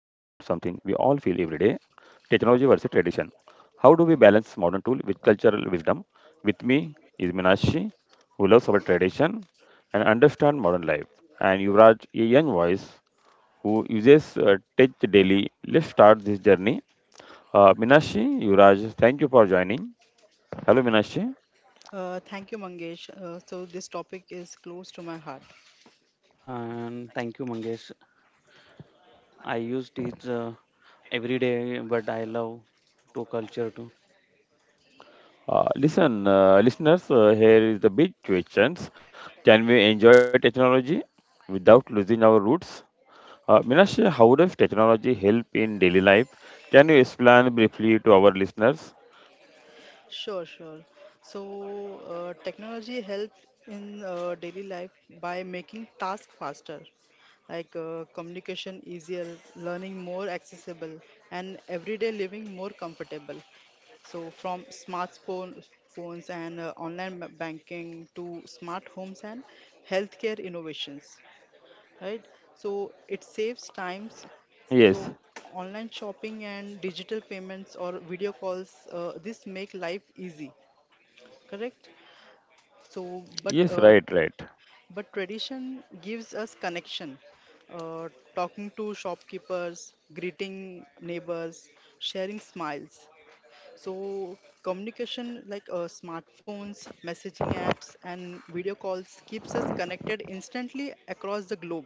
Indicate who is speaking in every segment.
Speaker 1: technology versus tradition. How do we balance modern tool with cultural wisdom? With me is Minashi, who loves our tradition and understand modern life, and Yuvraj, a young voice who uses tech daily. Let's start this journey. Minashi, Yuvraj, thank you for joining. Hello, Minashi.
Speaker 2: Thank you, Mangesh. So this topic is close to my heart.
Speaker 3: And thank you, Mangesh. I use it every day, but I love to culture too.
Speaker 1: Listen, listeners, here is the big questions. Can we enjoy technology without losing our roots? Meenakshi, how does technology help in daily life? Can you explain briefly to our listeners?
Speaker 2: Sure, sure. So technology helped in daily life by making tasks faster, like communication easier, learning more accessible, and everyday living more comfortable. So from smartphone phones and online banking to smart homes and healthcare innovations. Right, so it saves times.
Speaker 1: Yes,
Speaker 2: So online shopping and digital payments or video calls, this make life easy. Correct. So but
Speaker 1: yes,
Speaker 2: uh,
Speaker 1: right, right.
Speaker 2: but tradition gives us connection, uh, talking to shopkeepers, greeting neighbors, sharing smiles. So communication like smartphones, messaging apps, and video calls keeps us connected instantly across the globe.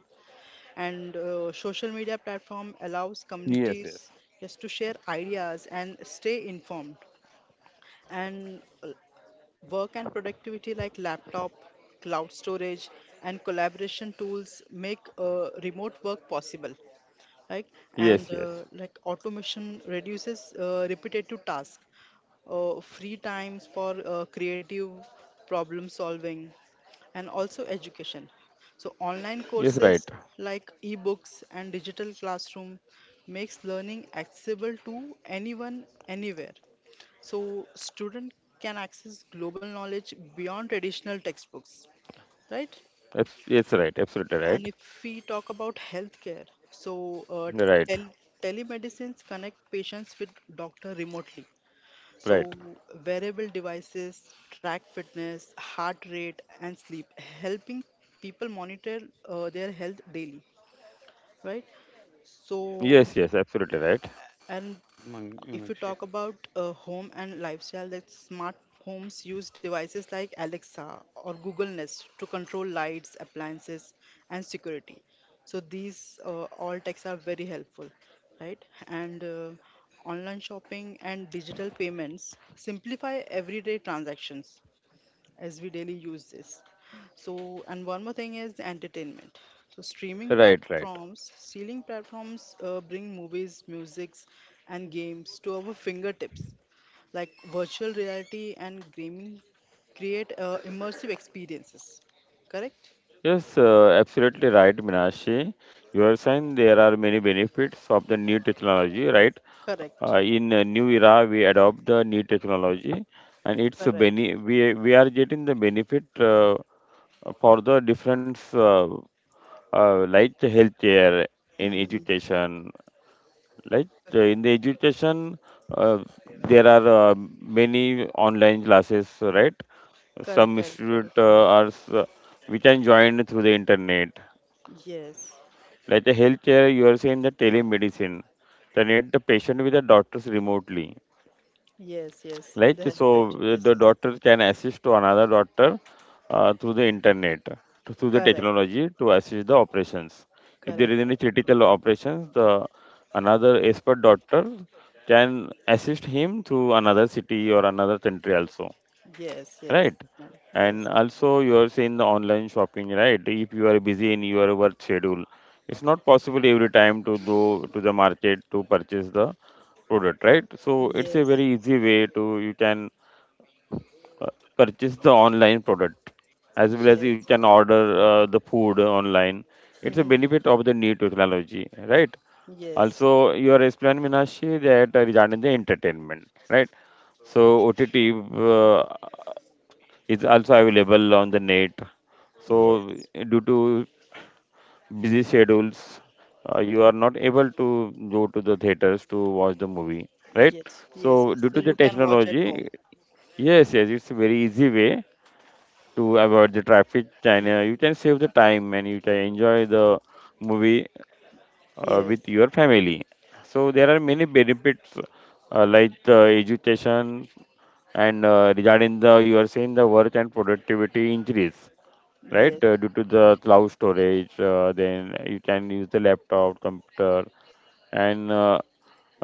Speaker 2: And social media platform allows
Speaker 1: Yes, yes.
Speaker 2: communities just to share ideas and stay informed. And work and productivity like laptop, cloud storage, and collaboration tools make remote work possible. Like
Speaker 1: Yes,
Speaker 2: and
Speaker 1: yes,
Speaker 2: uh, like automation reduces repetitive tasks, free times for creative problem solving, and also education. So online
Speaker 1: yes, right.
Speaker 2: courses like ebooks and digital classroom makes learning accessible to anyone anywhere. So student can access global knowledge beyond traditional textbooks, right?
Speaker 1: That's yes, right. Absolutely
Speaker 2: And
Speaker 1: right.
Speaker 2: if we talk about healthcare, so
Speaker 1: Right,
Speaker 2: tel- telemedicines connect patients with doctor remotely. So
Speaker 1: right.
Speaker 2: wearable devices track fitness, heart rate, and sleep, helping people monitor their health daily, right? So
Speaker 1: Yes, yes, absolutely right.
Speaker 3: Yes,
Speaker 2: and
Speaker 3: right,
Speaker 2: If you
Speaker 3: Meenakshi.
Speaker 2: talk about home and lifestyle, that smart homes use devices like Alexa or Google Nest to control lights, appliances, and security. So these all techs are very helpful, right? And online shopping and digital payments simplify everyday transactions as we daily use this. So, and one more thing is entertainment. So, streaming
Speaker 1: Right, right.
Speaker 2: platforms, streaming platforms bring movies, musics, and games to our fingertips. Like virtual reality and gaming create immersive experiences. Correct?
Speaker 1: Yes, absolutely right, Minashi. You are saying there are many benefits of the new technology, right?
Speaker 2: Correct.
Speaker 1: In a new era, we adopt the new technology, and it's a
Speaker 2: Correct.
Speaker 1: bene- we are getting the benefit for the different like the healthcare in
Speaker 2: hmm
Speaker 1: education like in the education, uh, there are many online classes, right?
Speaker 2: Correct.
Speaker 1: Some
Speaker 2: Correct. Correct.
Speaker 1: student are s- we can join through the internet.
Speaker 2: Yes.
Speaker 1: Like the healthcare, you are saying the telemedicine, connect the patient with the doctors remotely.
Speaker 2: Yes. Yes.
Speaker 1: Like
Speaker 2: They help
Speaker 1: so
Speaker 2: it. Yes.
Speaker 1: the
Speaker 2: Yes.
Speaker 1: doctor can assist to another doctor through the internet, to, through the
Speaker 2: Correct.
Speaker 1: technology to assist the operations. If there is
Speaker 2: Correct.
Speaker 1: any critical operations, the another expert doctor can assist him through another city or another country also,
Speaker 2: Yes. Yes.
Speaker 1: right?
Speaker 2: Yes. Yes.
Speaker 1: And also you are saying the online shopping, right? If you are busy in your work schedule, it's not possible every time to go to the market to purchase the product, right? So it's a very easy way to you can purchase the online product, as well
Speaker 2: Yes.
Speaker 1: as you can order the food online. It's a
Speaker 2: Mm-hmm.
Speaker 1: benefit of the new technology, right?
Speaker 2: Yes,
Speaker 1: Also, you are explaining, Minashi, that regarding the entertainment, right? So OTT uh, is also available on the net. So
Speaker 2: yes,
Speaker 1: due to busy schedules, you are not able to go to the theaters to watch the movie, right?
Speaker 2: yes, yes,
Speaker 1: So
Speaker 2: yes.
Speaker 1: due
Speaker 2: So
Speaker 1: to
Speaker 2: you
Speaker 1: the
Speaker 2: can watch at
Speaker 1: technology,
Speaker 2: home.
Speaker 1: yes, yes, it's a very easy way to avoid the traffic. China, you can save the time and you can enjoy the movie
Speaker 2: Yes,
Speaker 1: with your family. So there are many benefits like education and regarding the you are saying the work and productivity increase,
Speaker 2: yes,
Speaker 1: right? Due to the cloud storage, then you can use the laptop, computer, and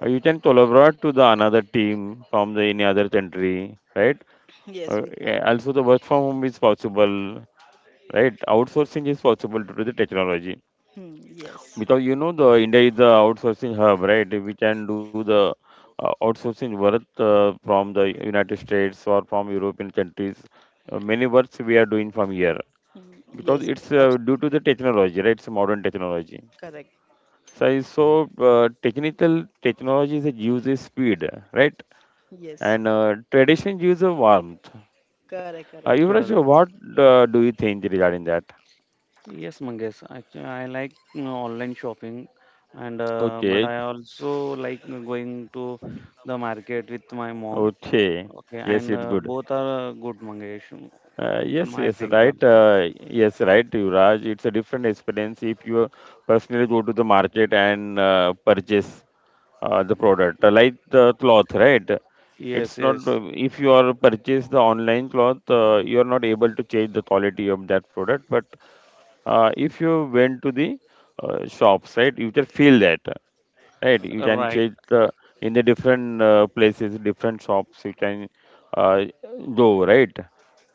Speaker 1: you can collaborate to the another team from the any other country, right?
Speaker 2: yes, we
Speaker 1: Yeah,
Speaker 2: can.
Speaker 1: also, the work from home is possible, right? Outsourcing is possible due to the technology
Speaker 2: Hmm, yes.
Speaker 1: because you know the India is the outsourcing hub, right? We can do the outsourcing work from the United States or from European countries. Many works we are doing from here
Speaker 2: Mm,
Speaker 1: because
Speaker 2: yes,
Speaker 1: it's
Speaker 2: yes,
Speaker 1: due to
Speaker 2: absolutely.
Speaker 1: the technology, right? It's modern technology.
Speaker 2: Correct.
Speaker 1: So, technical technology is uses speed, right?
Speaker 2: Yes,
Speaker 1: And tradition uses warmth.
Speaker 2: correct, correct.
Speaker 1: Yuvraj,
Speaker 2: Tradition,
Speaker 1: so
Speaker 3: Correct.
Speaker 1: what do you think regarding that?
Speaker 3: Yes, Mangesh. Actually, I like online shopping, and but
Speaker 1: Okay,
Speaker 3: I also like going to the market with my mom.
Speaker 1: okay.
Speaker 3: Okay,
Speaker 1: Yes,
Speaker 3: and
Speaker 1: it's good.
Speaker 3: both are good, Mangesh. What
Speaker 1: Yes,
Speaker 3: I
Speaker 1: yes,
Speaker 3: think.
Speaker 1: right. Yes, right, Yuvraj. It's a different experience if you personally go to the market and purchase the product, like the cloth, right?
Speaker 3: Yes,
Speaker 1: It's not
Speaker 3: yes,
Speaker 1: if you are purchase the online cloth, you are not able to change the quality of that product. But if you went to the shops, right, you can feel that. Right, you can
Speaker 3: right.
Speaker 1: check the in the different places, different shops you can uh, go, right?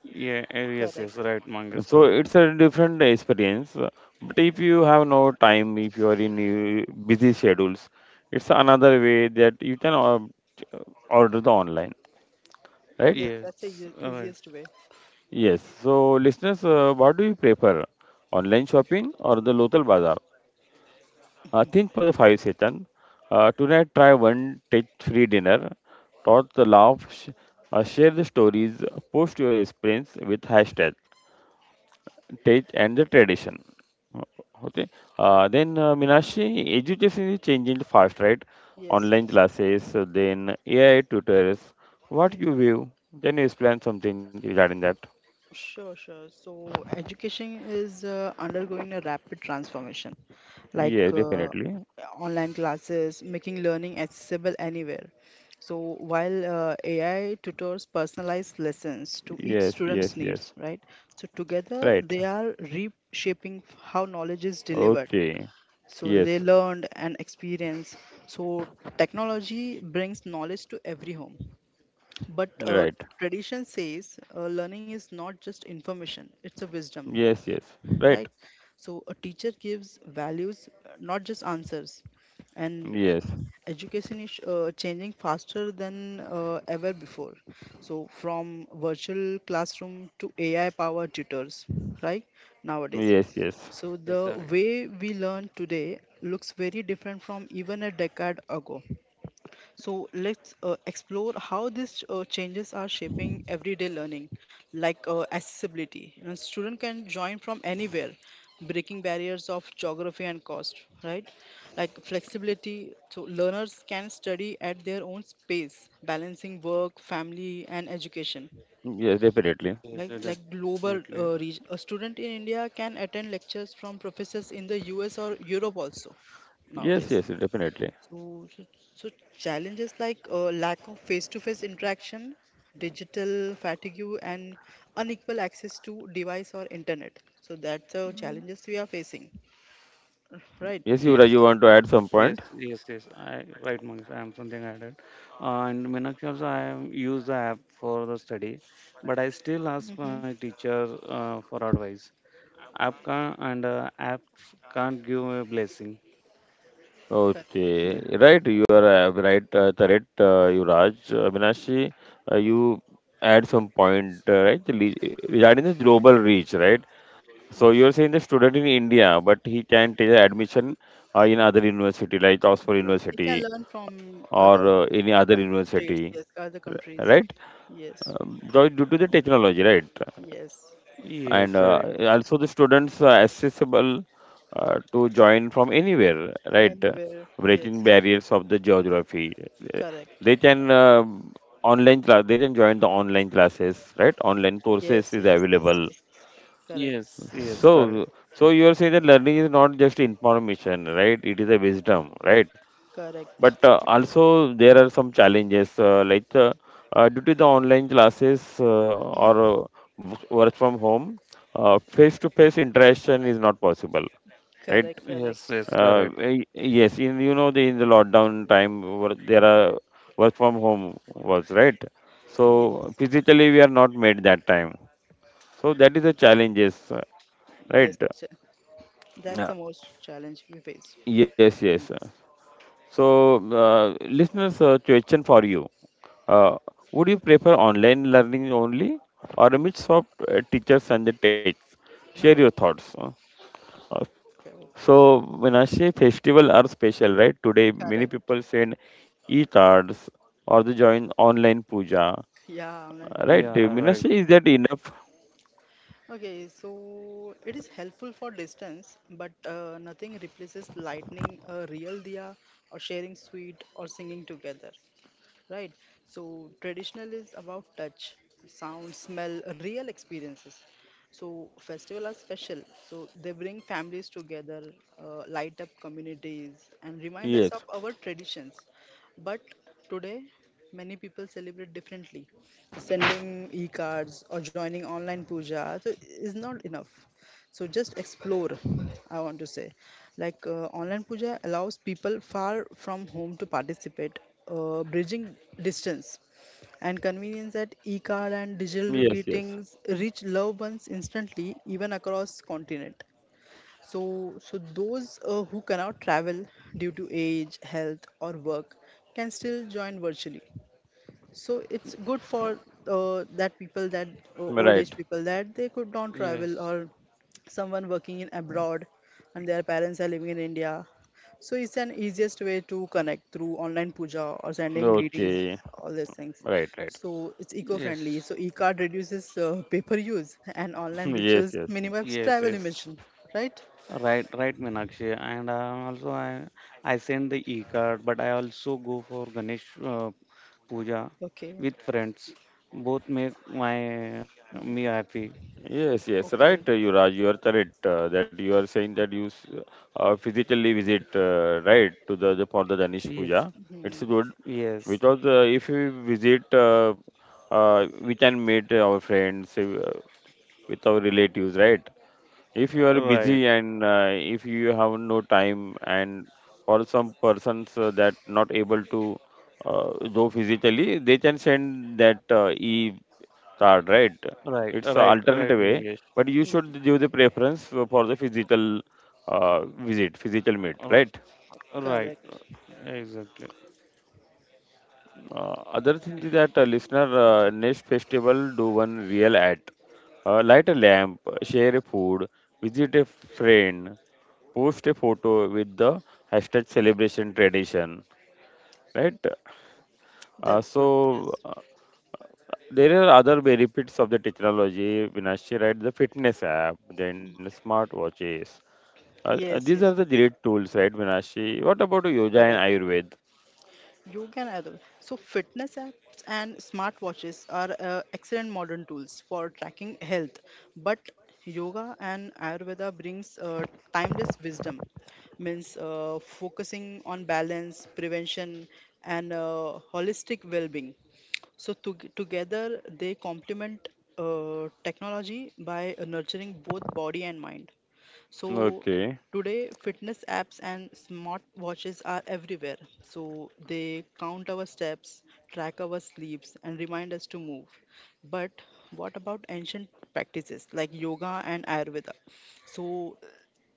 Speaker 3: Yeah, yes,
Speaker 2: correct.
Speaker 3: yes, right, Mangesh.
Speaker 1: So
Speaker 3: Correct.
Speaker 1: it's a different experience. But if you have no time, if you are in busy schedules, it's another way that you can ch- uh, order the online, right?
Speaker 2: Yes,
Speaker 3: Yes,
Speaker 2: that's the
Speaker 3: right.
Speaker 2: easiest way.
Speaker 1: Yes. So listeners, what do you prefer, online shopping or the local bazaar? Think for the five session. Tonight, try one touch-free dinner. Talk the laugh, share the stories, post your experience with hashtag touch and the tradition. Uh, Okay.
Speaker 2: Correct.
Speaker 1: Then Minashi, education is changing fast, right?
Speaker 2: Yes,
Speaker 1: Online
Speaker 2: yes.
Speaker 1: classes, then AI tutors. What you
Speaker 2: Hmm,
Speaker 1: view? Then you explain something regarding that.
Speaker 2: Sure, sure. So education is undergoing a rapid transformation, like
Speaker 1: Yes, definitely.
Speaker 2: online classes, making learning accessible anywhere. So while AI tutors personalized lessons to each
Speaker 1: Yes, yes,
Speaker 2: student's
Speaker 1: yes.
Speaker 2: needs, right? So together
Speaker 1: Right.
Speaker 2: they are reshaping how knowledge is delivered.
Speaker 1: Okay.
Speaker 2: So they
Speaker 1: Yes.
Speaker 2: learned and experience. So technology brings knowledge to every home, but
Speaker 1: Right.
Speaker 2: tradition says learning is not just information; it's a wisdom,
Speaker 1: Yes, yes. Right.
Speaker 2: right? So a teacher gives values, not just answers, and
Speaker 1: Yes,
Speaker 2: education is changing faster than ever before. So from virtual classroom to AI powered tutors, right, nowadays.
Speaker 1: yes, yes,
Speaker 2: So
Speaker 3: Yes,
Speaker 2: the
Speaker 3: right.
Speaker 2: way we learn today looks very different from even a decade ago. So let's explore how these changes are shaping everyday learning, like accessibility. You know, student can join from anywhere, breaking barriers of geography and cost, right? Like flexibility, so learners can study at their own space, balancing work, family, and education.
Speaker 1: yes, definitely.
Speaker 3: Yes,
Speaker 2: Like
Speaker 3: definitely.
Speaker 2: global reach, a student in India can attend lectures from professors in the U.S. or Europe also
Speaker 1: Yes,
Speaker 2: nowadays.
Speaker 1: yes, definitely.
Speaker 2: So, so, so challenges like lack of face-to-face interaction, digital fatigue, and unequal access to device or internet. So that's the challenges we are facing, right?
Speaker 1: Yes, Yuvraj,
Speaker 3: Yes,
Speaker 1: you want to add some
Speaker 3: yes,
Speaker 1: point?
Speaker 3: yes, yes. I right, Mangesh. I am something added. And Meenakshi also, I am use the app for the study, but I still ask
Speaker 2: Mm-hmm.
Speaker 3: my teacher for advice. App can't give a blessing.
Speaker 2: Correct.
Speaker 3: Yeah.
Speaker 1: Okay, right, you are right, correct, Yuvraj. Avinashi, you add some point, right, regarding the global reach, right? So you are saying the student in India, but he can take the admission in other university, like Oxford
Speaker 2: Yes, we can
Speaker 1: University
Speaker 2: learn from
Speaker 1: or
Speaker 2: other
Speaker 1: any other
Speaker 2: country states.
Speaker 1: university,
Speaker 2: Yes, other countries.
Speaker 1: right?
Speaker 2: Yes,
Speaker 1: So due to the technology, right?
Speaker 2: yes.
Speaker 3: Yes,
Speaker 1: And
Speaker 3: right.
Speaker 1: also the students are accessible to join from anywhere, right?
Speaker 2: Anywhere.
Speaker 1: Breaking
Speaker 2: Yes.
Speaker 1: barriers of the geography,
Speaker 2: Correct.
Speaker 1: they can online class they can join the online classes, right? Online
Speaker 2: Yes,
Speaker 1: courses is
Speaker 2: yes, yes,
Speaker 1: available.
Speaker 2: yes.
Speaker 3: Yes,
Speaker 2: Correct.
Speaker 3: yes, correct.
Speaker 1: So so you are saying that learning is not just information, right? It is a wisdom, right? But
Speaker 2: Correct.
Speaker 3: Yes,
Speaker 1: also there are some challenges due to the online classes or
Speaker 2: Mhm.
Speaker 1: work from home, face-to-face interaction is not possible, right?
Speaker 2: Correct. Correct.
Speaker 3: yes, yes, correct.
Speaker 1: Yes, in you know the in the lockdown time there are work from home was, right? So
Speaker 2: Yes.
Speaker 1: physically we are not made that time. So that is the challenges, right?
Speaker 2: Yes,
Speaker 1: Uh,
Speaker 2: that's the most challenge we face.
Speaker 1: yes, yes.
Speaker 2: Mm.
Speaker 1: So, listeners, question for you: uh, would you prefer online learning only, or a mix of teachers and the texts? Share your
Speaker 2: Oh,
Speaker 1: thoughts. Uh,
Speaker 2: okay.
Speaker 1: So, Vinashe, festival are special, right? Today, many
Speaker 2: Correct.
Speaker 1: people send e-cards or they join online puja.
Speaker 2: Yeah, online
Speaker 1: Right?
Speaker 2: position.
Speaker 3: Yeah, right.
Speaker 1: Vinashe, is that enough?
Speaker 2: Okay, so it is helpful for distance, but nothing replaces lighting a real diya or sharing sweet or singing together, right? So traditional is about touch, sound, smell, real experiences. So festival are special. So they bring families together, light up communities, and remind us of
Speaker 1: Yes,
Speaker 2: our traditions. But today, many people celebrate differently. Sending e-cards or joining online puja so is not enough. So just explore, I want to say. Like online puja allows people far from home to participate, bridging distance and convenience that e-card and digital
Speaker 1: yes, yes.
Speaker 2: greetings reach loved ones instantly, even across continent. So those who cannot travel due to age, health, or work can still join virtually. So it's good for that people, that old age
Speaker 1: Right.
Speaker 2: people that they could not travel,
Speaker 3: Yes,
Speaker 2: or someone working in abroad and their parents are living in India, so it's an easiest way to connect through online puja or sending greetings,
Speaker 1: Okay.
Speaker 2: all these things.
Speaker 1: Right, right.
Speaker 2: So it's eco-friendly.
Speaker 3: yes,
Speaker 2: So e-card reduces paper use and online rituals
Speaker 1: Yes, yes.
Speaker 2: minimize
Speaker 3: yes,
Speaker 2: travel
Speaker 3: yes.
Speaker 2: emission, right?
Speaker 3: Right, right, Meenakshi. And also, I send the e-card, but I also go for Ganesh puja
Speaker 2: Okay,
Speaker 3: with friends. Both make my me happy.
Speaker 1: Yes, yes,
Speaker 2: okay.
Speaker 1: right, Yuvraj, you are correct that you are saying that physically visit, right, to the for the Danish
Speaker 3: Yes.
Speaker 1: puja. It's
Speaker 2: hmm
Speaker 1: good
Speaker 3: Yes.
Speaker 1: because if we visit, we can meet our friends with our relatives, right? If you are
Speaker 3: Right.
Speaker 1: busy and if you have no time, and for some persons that not able to uh, go physically, they can send that e card, right?
Speaker 3: Right.
Speaker 1: It's an
Speaker 3: Right.
Speaker 1: alternate
Speaker 3: Right.
Speaker 1: way,
Speaker 3: Yes.
Speaker 1: but you should
Speaker 2: hmm,
Speaker 1: give the preference for the physical uh, visit, physical meet, right?
Speaker 3: Right.
Speaker 2: Correct.
Speaker 3: Exactly.
Speaker 1: Other thing is that listener, next festival do one real act. Light a lamp, share a food, visit a friend, post a photo with the hashtag celebration tradition. Right?
Speaker 2: That's good.
Speaker 1: So
Speaker 2: Yes.
Speaker 1: there are other benefits of the technology. Vinashi, right? The fitness app, then smartwatches.
Speaker 2: Yes,
Speaker 1: These
Speaker 2: yes,
Speaker 1: are the
Speaker 2: yes.
Speaker 1: great tools, right, Vinashi? What about yoga and
Speaker 2: Correct.
Speaker 1: Ayurved?
Speaker 2: You can either. So, fitness apps and smartwatches are excellent modern tools for tracking health, but yoga and Ayurveda brings timeless wisdom, means focusing on balance, prevention, and holistic well-being. So, together they complement technology by nurturing both body and mind. So
Speaker 1: Okay.
Speaker 2: today, fitness apps and smart watches are everywhere. So they count our steps, track our sleeps, and remind us to move. But what about ancient practices like yoga and Ayurveda? So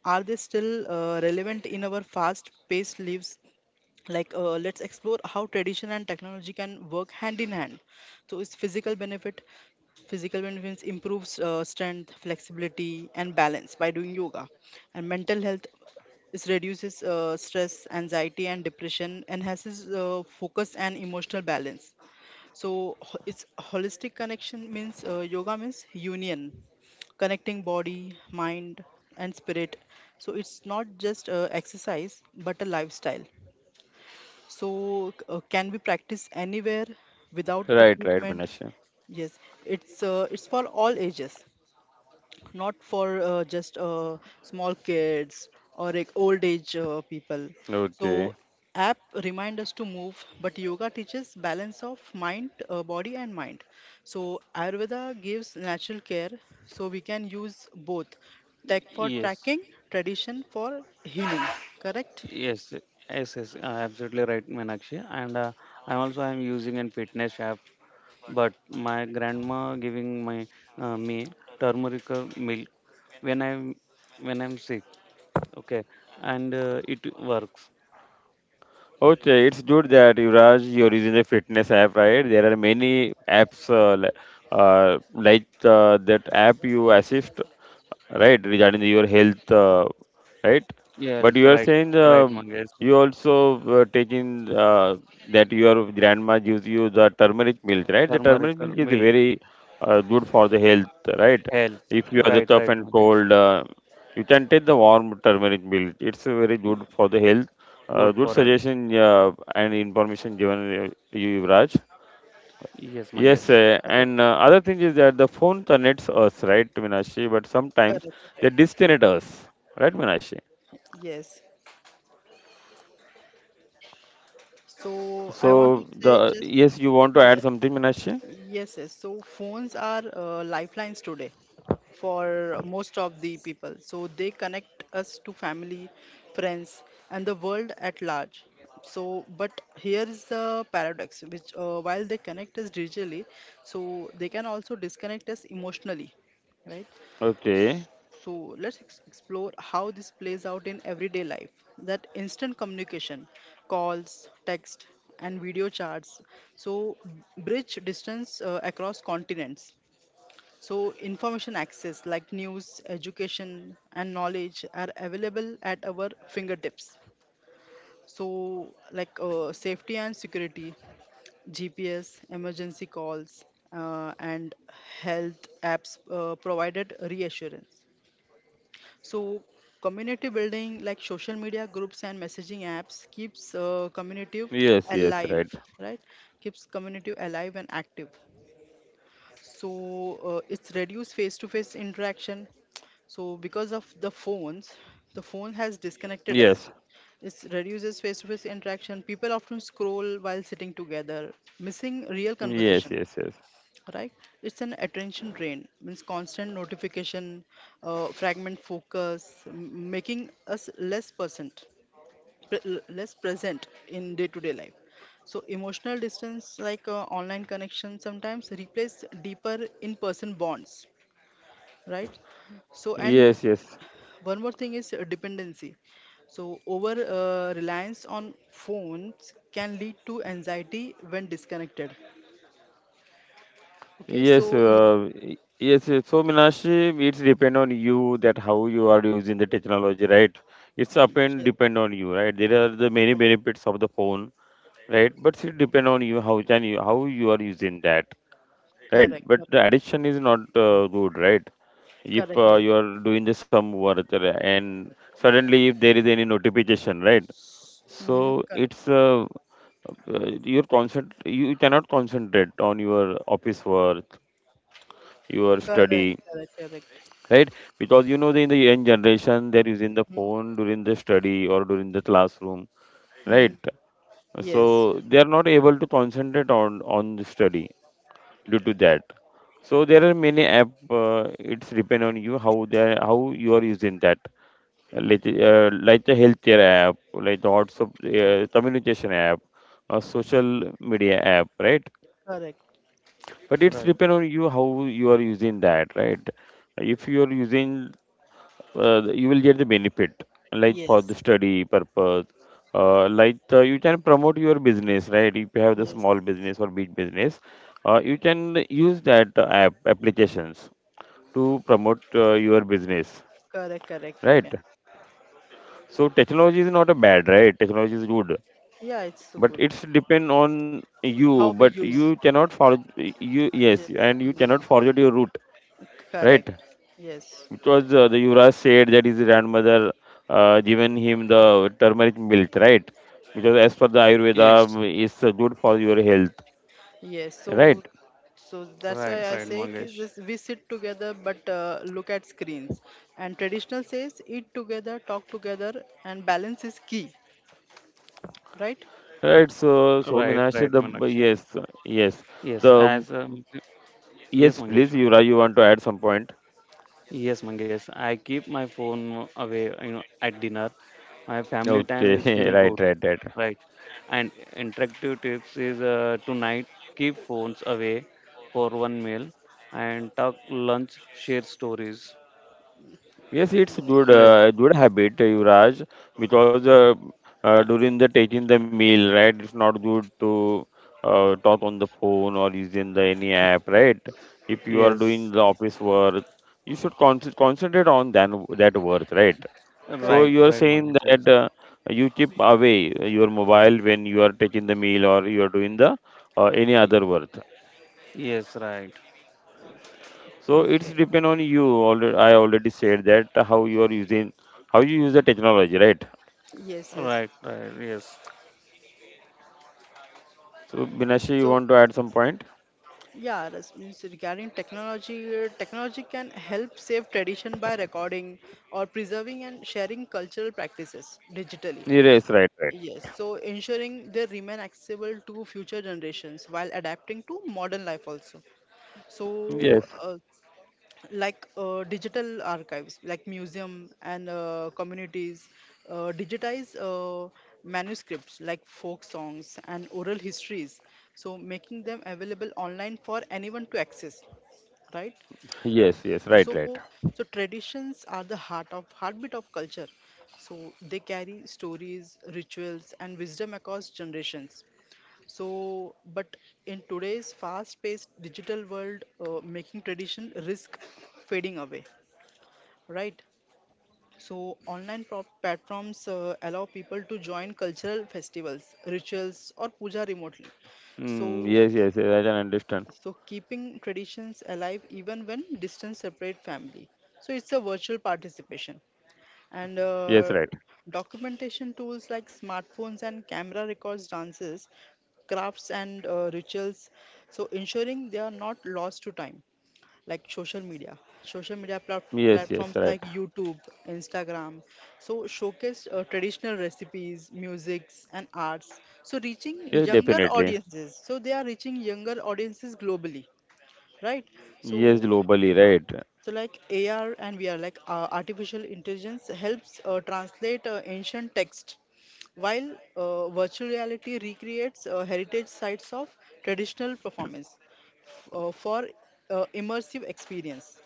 Speaker 2: are they still relevant in our fast-paced lives? Like, let's explore how tradition and technology can work hand in hand. So, is physical benefit, physical benefits improves strength, flexibility, and balance by doing yoga. And mental health is reduces stress, anxiety, and depression, enhances focus and emotional balance. So it's holistic connection means yoga means union, connecting body, mind, and spirit. So it's not just exercise but a lifestyle. So can be practiced anywhere without
Speaker 1: Right, right,
Speaker 2: equipment.
Speaker 1: Vinashi.
Speaker 2: Yes, it's for all ages. Not for just small kids or like old age people. So
Speaker 1: Okay.
Speaker 2: app remind us to move, but yoga teaches balance of mind, body and mind. So Ayurveda gives natural care, so we can use both, tech for
Speaker 3: Yes.
Speaker 2: tracking, tradition for healing. Correct?
Speaker 3: Yes. Yes, yes, absolutely right, Meenakshi. And I also am using a fitness app, but my grandma giving my me turmeric milk when I'm when I'm sick. Okay, and it works.
Speaker 1: Okay, it's good that Yuvraj, you using a fitness app, right? There are many apps like that app you assist, right, regarding your health, right?
Speaker 3: Yeah, right,
Speaker 1: But you are
Speaker 3: right,
Speaker 1: saying
Speaker 3: Mangesh.
Speaker 1: you also taking that your grandma gives you the turmeric milk, right? The turmeric
Speaker 3: Turmerical
Speaker 1: milk is
Speaker 3: milk,
Speaker 1: very good for the health, right?
Speaker 3: health.
Speaker 1: If you are the
Speaker 3: Right, right,
Speaker 1: tough and
Speaker 3: Mangesh.
Speaker 1: cold, you can take the warm turmeric milk. It's very good for the health.
Speaker 3: Good for
Speaker 1: Good
Speaker 3: health.
Speaker 1: suggestion and information given, uh, you, Yuvraj.
Speaker 3: Yes,
Speaker 1: Yes,
Speaker 3: Mangesh.
Speaker 2: Correct.
Speaker 1: and other thing is that the phone connects us, right, Minashi? But
Speaker 2: Correct.
Speaker 1: sometimes they
Speaker 2: Correct.
Speaker 1: disconnect us, right, Minashi?
Speaker 2: Yes. So I want to
Speaker 1: So
Speaker 2: say
Speaker 1: the
Speaker 2: just
Speaker 1: yes, you want to
Speaker 2: yeah.
Speaker 1: add something, Minashi?
Speaker 2: Yes, yes. So phones are lifelines today for most of the people. So they connect us to family, friends, and the world at large. So, but here is the paradox, which while they connect us digitally, so they can also disconnect us emotionally, right?
Speaker 1: Okay.
Speaker 2: So let's explore how this plays out in everyday life. That instant communication, calls, text, and video chats. So bridge distance across continents. So information access like news, education, and knowledge are available at our fingertips. So like safety and security, GPS, emergency calls, and health apps provided reassurance. So community building like social media groups and messaging apps keeps community
Speaker 1: Yes, yes,
Speaker 2: alive,
Speaker 1: right.
Speaker 2: right? Keeps community alive and active. So it's reduced face-to-face interaction. So because of the phones, the phone has disconnected
Speaker 1: Yes,
Speaker 2: us. It reduces face-to-face interaction. People often scroll while sitting together, missing real
Speaker 1: yes, yes,
Speaker 2: conversation,
Speaker 1: yes,
Speaker 2: right. It's an attention drain means constant notification, fragment focus, making us less present, less present in day to day life. So emotional distance like online connection sometimes replace deeper in person bonds, right. So and
Speaker 1: yes, yes.
Speaker 2: one more thing is dependency. So over reliance on phones can lead to anxiety when disconnected. Okay,
Speaker 1: Yes,
Speaker 2: so yeah,
Speaker 1: yes. Yes. So, Minashi, it's depend on you that how you are using the technology, right? It's up and
Speaker 2: yes,
Speaker 1: depend on you, right? There are the many
Speaker 2: correct,
Speaker 1: benefits of the phone, right? But it depend on you how can you how you are using that, right?
Speaker 2: correct,
Speaker 1: But
Speaker 2: correct.
Speaker 1: the addiction is not good, right? If
Speaker 2: Correct.
Speaker 1: you are doing the some work and suddenly if there is any notification, right?
Speaker 2: Mm-hmm.
Speaker 1: So
Speaker 2: Correct.
Speaker 1: it's uh, you cannot concentrate on your office work, your study,
Speaker 2: Correct. Correct. Correct.
Speaker 1: right? Because the in the young generation, they're using the
Speaker 2: Mm-hmm.
Speaker 1: phone during the study or during the classroom,
Speaker 2: Mm-hmm.
Speaker 1: right? So
Speaker 2: Yes.
Speaker 1: they are not able to concentrate on the study due to that. So there are many app, it's depend on you how you are using that. Like the healthcare app, like the WhatsApp, communication app, a social media app, right?
Speaker 2: Correct.
Speaker 1: But
Speaker 3: Yes,
Speaker 1: it's
Speaker 3: right.
Speaker 1: depend on you how you are using that, right? If you are using, you will get the benefit, like for
Speaker 2: Yes.
Speaker 1: the study purpose. Uh, like you can promote your business, right? If you have the
Speaker 2: Yes.
Speaker 1: small business or big business, you can use that applications to promote your business,
Speaker 2: Correct. Correct. We
Speaker 1: right?
Speaker 2: can.
Speaker 1: So technology is not a bad, right? Technology is good,
Speaker 2: Yeah, it's so
Speaker 1: but
Speaker 2: good.
Speaker 1: it's depend on you.
Speaker 2: How we
Speaker 1: But you
Speaker 2: use.
Speaker 1: cannot for you yes,
Speaker 2: Yes.
Speaker 1: and you
Speaker 2: Mm.
Speaker 1: cannot forget your root, right?
Speaker 2: Correct. Yes.
Speaker 1: Because the Yuvraj said that his grandmother, given him the turmeric milk, right? Because as per the Ayurveda,
Speaker 3: Yes,
Speaker 1: mm, it's good for your health,
Speaker 2: Yes.
Speaker 1: right?
Speaker 2: So that's
Speaker 3: right,
Speaker 2: why I
Speaker 3: right,
Speaker 2: say ki
Speaker 3: Mangesh.
Speaker 2: this we sit together but look at screens. And traditional says eat together, talk together, and balance is key, right?
Speaker 1: Right. So
Speaker 3: Right,
Speaker 1: Meenakshi,
Speaker 3: right,
Speaker 1: the
Speaker 3: Manakshi.
Speaker 1: yes, yes,
Speaker 3: Yes,
Speaker 1: the
Speaker 3: as yes,
Speaker 1: yes,
Speaker 3: Mangesh.
Speaker 1: please, Yuvraj, you want to add some point?
Speaker 3: Yes, Mangesh. I keep my phone away, you know, at dinner. My family time is
Speaker 1: Okay,
Speaker 3: feel
Speaker 1: right,
Speaker 3: good,
Speaker 1: right, right.
Speaker 3: right? And interactive tips is tonight keep phones away for one meal and talk lunch, share stories.
Speaker 1: Yes, it's
Speaker 2: Yes.
Speaker 1: good,
Speaker 3: Right.
Speaker 1: good habit, Yuvraj, because during the taking the meal, right, it's not good to talk on the phone or using the any app, right? If you are doing
Speaker 3: Yes,
Speaker 1: the office work, you should concentrate on that, that work, right? So
Speaker 3: right,
Speaker 1: you
Speaker 2: Correct.
Speaker 1: are
Speaker 3: right, Manoj.
Speaker 1: saying
Speaker 3: Yes,
Speaker 1: that you keep away your mobile when you are taking the meal or you are doing the any other work.
Speaker 3: Yes, right,
Speaker 1: So it's
Speaker 2: Okay.
Speaker 1: depend on you. Already, I already said that how you are using, how you use the technology, right?
Speaker 2: Yes, yes.
Speaker 3: right, right. Yes,
Speaker 1: So, Binashi, you
Speaker 2: So
Speaker 1: want to add some point?
Speaker 2: yeah, that's means regarding technology, technology can help save tradition by recording or preserving and sharing cultural practices digitally.
Speaker 1: Yes, right, right.
Speaker 2: Yes, so ensuring they remain accessible to future generations while adapting to modern life also. So,
Speaker 1: Yes,
Speaker 2: like digital archives, like museum and communities, digitize manuscripts like folk songs and oral histories, so making them available online for anyone to access, right?
Speaker 1: yes, yes,
Speaker 2: so
Speaker 1: right, right.
Speaker 2: so traditions are the heart of heartbeat of culture. So they carry stories, rituals and wisdom across generations. So but in today's fast paced digital world, making tradition risk fading away, right. So online platforms allow people to join cultural festivals, rituals or puja remotely. so
Speaker 1: Mm, yes, yes, yes, I can understand.
Speaker 2: so keeping traditions alive even when distance separate family. So it's a virtual participation. And
Speaker 1: Yes, right.
Speaker 2: documentation tools like smartphones and camera records dances, crafts and rituals, so ensuring they are not lost to time. Like social media,
Speaker 1: Yes, yes, right.
Speaker 2: platforms like YouTube, Instagram, so showcase traditional recipes, musics and arts, so reaching
Speaker 1: Yes,
Speaker 2: younger
Speaker 1: definitely.
Speaker 2: audiences, so they are reaching younger audiences globally, right?
Speaker 1: Yes,
Speaker 2: So
Speaker 1: globally,
Speaker 2: uh,
Speaker 1: right.
Speaker 2: so like AR and VR, like artificial intelligence helps translate ancient text, while virtual reality recreates heritage sites of traditional performance for immersive experience,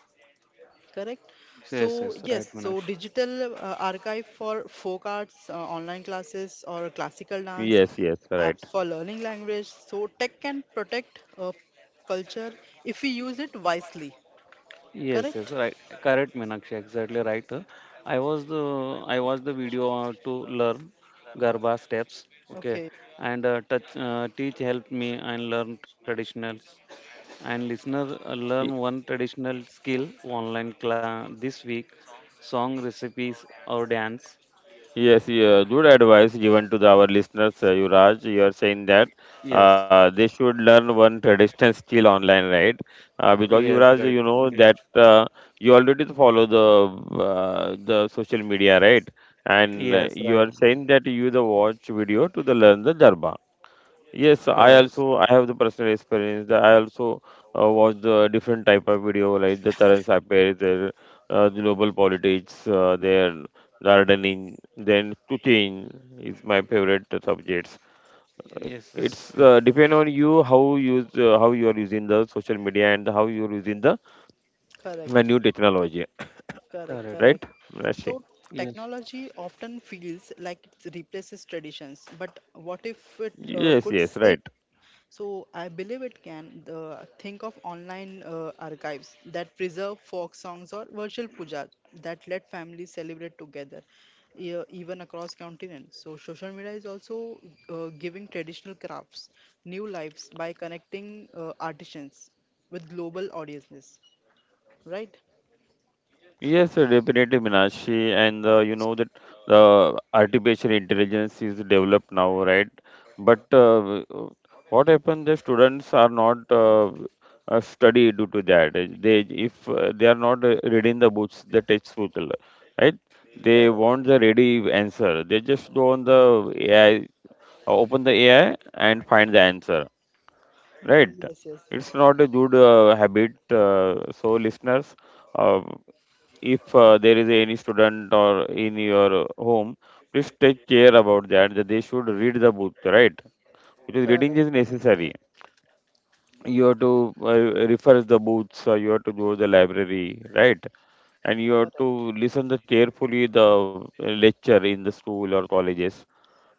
Speaker 2: correct. So
Speaker 3: yes, yes,
Speaker 2: yes,
Speaker 3: right,
Speaker 2: so
Speaker 3: Manaksh.
Speaker 2: digital archive for folk arts, online classes or classical dance
Speaker 1: Yes, yes,
Speaker 2: apps
Speaker 1: right.
Speaker 2: for learning language, so tech can protect culture if we use it wisely,
Speaker 3: Yes, yes,
Speaker 2: correct.
Speaker 3: right. Correct, Manakshi. Exactly right. I watched the video to learn Garba steps. Okay,
Speaker 2: Okay,
Speaker 3: and touch teach helped me and learn traditionals. And listener learn one traditional skill online class this week: song recipes or dance.
Speaker 1: Yes, yeah, good advice given to the, our listeners, Yuvraj. You are saying that
Speaker 3: Yes,
Speaker 1: they should learn one traditional skill online, right? Because
Speaker 3: yes,
Speaker 1: Yuvraj,
Speaker 3: right,
Speaker 1: you know
Speaker 3: Mangesh.
Speaker 1: that you already follow the the social media, right? And
Speaker 3: Yes,
Speaker 1: you
Speaker 3: right.
Speaker 1: are saying that you the watch video to the learn the Darba. Yes,
Speaker 3: Uh,
Speaker 2: correct,
Speaker 1: I have the personal experience that I also watch the different type of video like the current affairs, their global politics, their gardening, then cooking is my favorite subjects.
Speaker 3: yes, yes,
Speaker 1: It's depend on you how you use how you are using the social media and how you are using the
Speaker 2: correct,
Speaker 1: new technology,
Speaker 2: correct,
Speaker 3: correct.
Speaker 1: right?
Speaker 2: correct. So
Speaker 1: Rashi?
Speaker 3: Yes,
Speaker 2: technology often feels like it replaces traditions, but what if it
Speaker 1: Yes,
Speaker 2: could
Speaker 1: yes, right.
Speaker 2: save. So I believe it can. Think of online archives that preserve folk songs or virtual pujas that let families celebrate together, even across continents. So social media is also giving traditional crafts new lives by connecting artisans with global audiences. Right?
Speaker 1: Yes, sir, definitely, Minashi. And you know that the artificial intelligence is developed now, right? But what happened? The students are not study due to that. They, if they are not reading the books, the textbook, right? They
Speaker 2: Correct.
Speaker 1: want the ready answer. They just go on the AI, open the AI, and find the answer,
Speaker 2: Mhm.
Speaker 1: right?
Speaker 2: Yes, yes.
Speaker 1: It's not a good habit. So, listeners. uh, if there is any student or in your home, please take care about that. That they should read the book, right? Because reading
Speaker 2: Correct,
Speaker 1: is
Speaker 2: correct, correct,
Speaker 1: necessary. You have to refer the books. You have to go to the library, right? And you have
Speaker 2: correct,
Speaker 1: to listen the carefully the lecture in the school or colleges.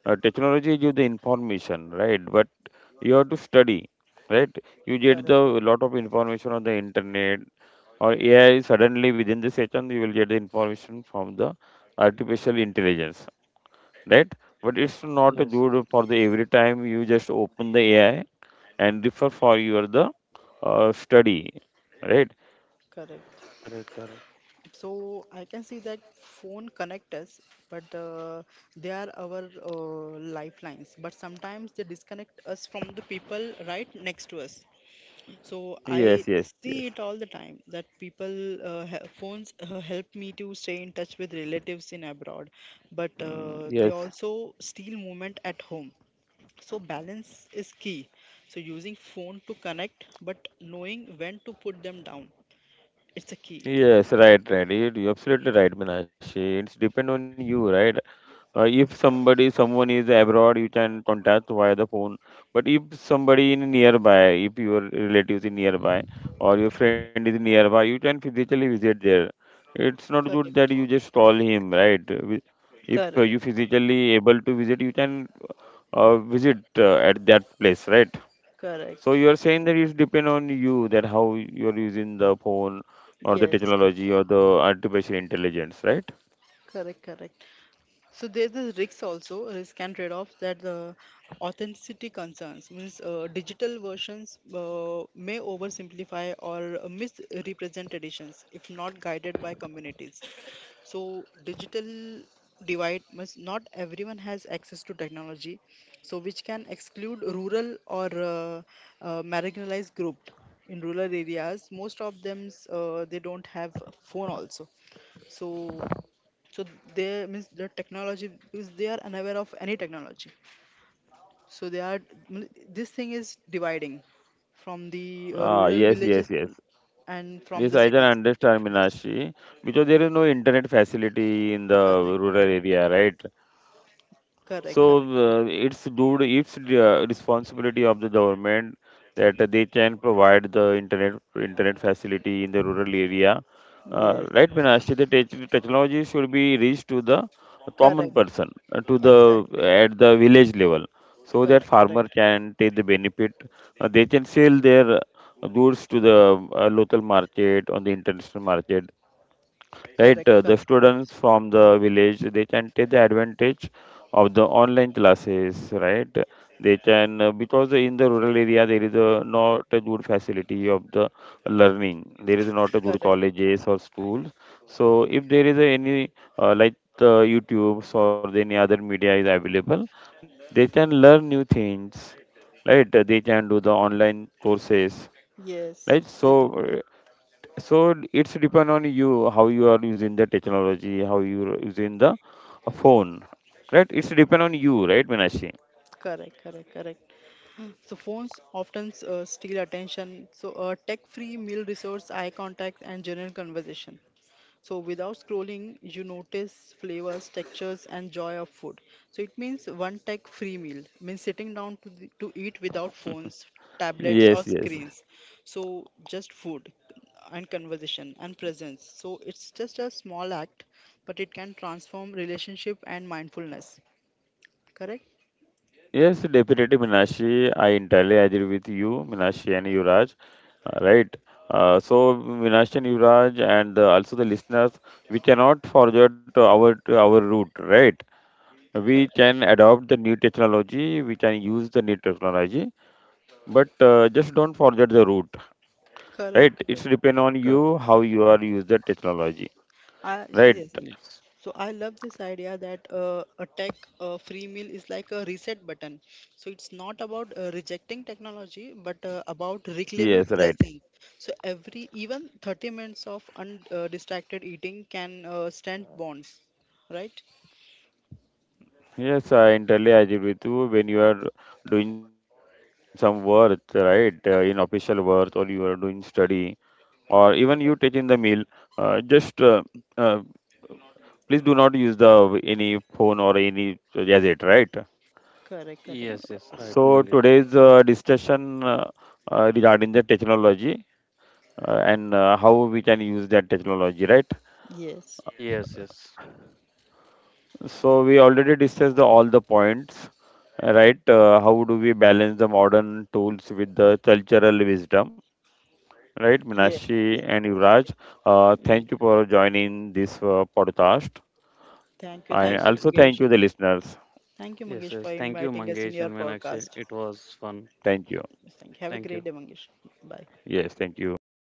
Speaker 1: Technology gives the information, right? But you have to study, right? You get
Speaker 2: correct,
Speaker 1: the
Speaker 2: correct,
Speaker 1: lot of information on the internet or AI, suddenly within the second you will get the information from the artificial intelligence, right? But it's not
Speaker 3: yes,
Speaker 1: good for the every time you just open the AI and refer for your the study, right?
Speaker 2: correct.
Speaker 3: correct, correct,
Speaker 2: So I can see that phone connect us, but they are our lifelines. But sometimes they disconnect us from the people right next to us. So I
Speaker 1: Yes, yes, yes.
Speaker 2: see it all the time that people, phones help me to stay in touch with relatives in abroad, but
Speaker 1: Mm,
Speaker 2: they
Speaker 1: yes,
Speaker 2: also steal moment at home. So balance is key. So using phone to connect, but knowing when to put them down, it's a key.
Speaker 1: yes, right, right. You- You're absolutely right, Minashi. It's depend on you, right? If somebody, someone is abroad, you can contact via the phone. But if somebody in nearby, if your relatives in nearby or your friend is nearby, you can physically visit there. It's not good
Speaker 2: Correct.
Speaker 1: that you just call him, right? Wi- If you
Speaker 2: Correct.
Speaker 1: physically able to visit, you can visit at that place, right? So
Speaker 2: Correct.
Speaker 1: you are saying that it depend on you that how you are using the phone or the
Speaker 2: Yes.
Speaker 1: technology or the artificial intelligence, right?
Speaker 2: Correct. Correct. So there's this risk also, risk and trade-off, that the authenticity concerns means digital versions may oversimplify or misrepresent traditions if not guided by communities. So digital divide must, not everyone has access to technology, so which can exclude rural or marginalized group. In rural areas, most of them they don't have a phone also. So so they means the technology because they are unaware of any technology, so they are mean, this thing is dividing from the
Speaker 1: Ah,
Speaker 2: rural
Speaker 1: yes,
Speaker 2: villages
Speaker 1: yes, yes.
Speaker 2: and from
Speaker 1: Yes,
Speaker 2: the
Speaker 1: I can
Speaker 2: cities.
Speaker 1: understand,
Speaker 2: Yes,
Speaker 1: Minashi, because there is no internet facility in the
Speaker 2: correct,
Speaker 1: rural area, right?
Speaker 2: correct,
Speaker 1: So
Speaker 2: correct.
Speaker 1: it's due to its responsibility of the government that they can provide the internet internet facility in the rural area.
Speaker 2: Yes,
Speaker 1: Right, Binashi, the technology should be reached to the common
Speaker 2: correct,
Speaker 1: person, to the
Speaker 2: exactly,
Speaker 1: at the village level, so that
Speaker 2: correct,
Speaker 1: farmer
Speaker 2: correct,
Speaker 1: can take the benefit. They can sell their goods to the local market on the international market, right?
Speaker 2: correct,
Speaker 1: The
Speaker 2: correct, correct,
Speaker 1: students from the village, they can take the advantage of the online classes, right? they can Because in the rural area, there is a not a good facility of the learning. There is not a good
Speaker 2: correct,
Speaker 1: colleges or schools. So if there is any like the youtubes or any other media is available, they can learn new things, right? They can do the online courses,
Speaker 2: yes,
Speaker 1: right? So,
Speaker 2: they can,
Speaker 1: so it's depend on you how you are using the technology, how you are using the phone, right? It's depend on you, right, Minashi?
Speaker 2: correct, correct, correct. So phones often steal attention. So a tech-free meal resource, eye contact, and general conversation. So without scrolling, you notice flavors, textures, and joy of food. So it means one tech free meal means sitting down to eat without phones, tablets, or
Speaker 1: Yes, yes.
Speaker 2: screens. So just food and conversation and presence. So it's just a small act, but it can transform relationship and mindfulness. Correct?
Speaker 1: Yes, definitely, Minashi. I entirely agree with you, Minashi and Yuraj. Right. So, Minashi and Yuraj, and also the listeners, we cannot forget our root, right? We
Speaker 2: Correct.
Speaker 1: can adopt the new technology. We can use the new technology, but just don't forget the root. Right,
Speaker 2: Correct.
Speaker 1: it's depend
Speaker 3: correct,
Speaker 1: on you
Speaker 3: correct.
Speaker 1: how you are use the technology,
Speaker 2: I
Speaker 1: right?
Speaker 2: seriously.
Speaker 3: Yes,
Speaker 2: So I love this idea that a tech free meal is like a reset button. So it's not about rejecting technology, but about reclaiming
Speaker 1: Yes, right.
Speaker 2: presence. So every even 30 minutes of undistracted eating can strengthen bonds, right?
Speaker 1: Yes, I entirely agree with you. When you are doing some work, right, in official work or you are doing study or even you taking the meal,
Speaker 2: Correct.
Speaker 1: just uh, please do not use the any phone or any gadget, right?
Speaker 2: Correct. Correct.
Speaker 3: yes, yes, right,
Speaker 1: So
Speaker 3: Mangesh.
Speaker 1: today's discussion, regarding the technology and how we can use that technology, right?
Speaker 2: Yes.
Speaker 3: Yes, yes,
Speaker 1: So we already discussed the, all the points, right? How do we balance the modern tools with the cultural wisdom, right?
Speaker 2: Yes.
Speaker 1: Minashi
Speaker 2: Yes,
Speaker 1: and
Speaker 2: yes,
Speaker 1: Yuvraj,
Speaker 2: Mangesh.
Speaker 3: Y-
Speaker 1: thank you for joining this podcast,
Speaker 2: Thank you.
Speaker 1: and
Speaker 2: Thank
Speaker 3: yes,
Speaker 2: you,
Speaker 3: yes,
Speaker 1: also
Speaker 2: Mangesh.
Speaker 1: thank you the listeners.
Speaker 2: Thank you,
Speaker 3: yes,
Speaker 2: Mangesh, for
Speaker 3: yes. Thank you,
Speaker 2: inviting us in
Speaker 3: Mangesh
Speaker 2: your
Speaker 3: and Meenakshi.
Speaker 2: podcast.
Speaker 3: It was fun.
Speaker 1: Thank you.
Speaker 2: Thank you. Have a
Speaker 3: Thank
Speaker 2: great
Speaker 3: you.
Speaker 2: day, Mangesh. Bye.
Speaker 3: Thank
Speaker 1: Yes,
Speaker 3: you.
Speaker 1: thank you.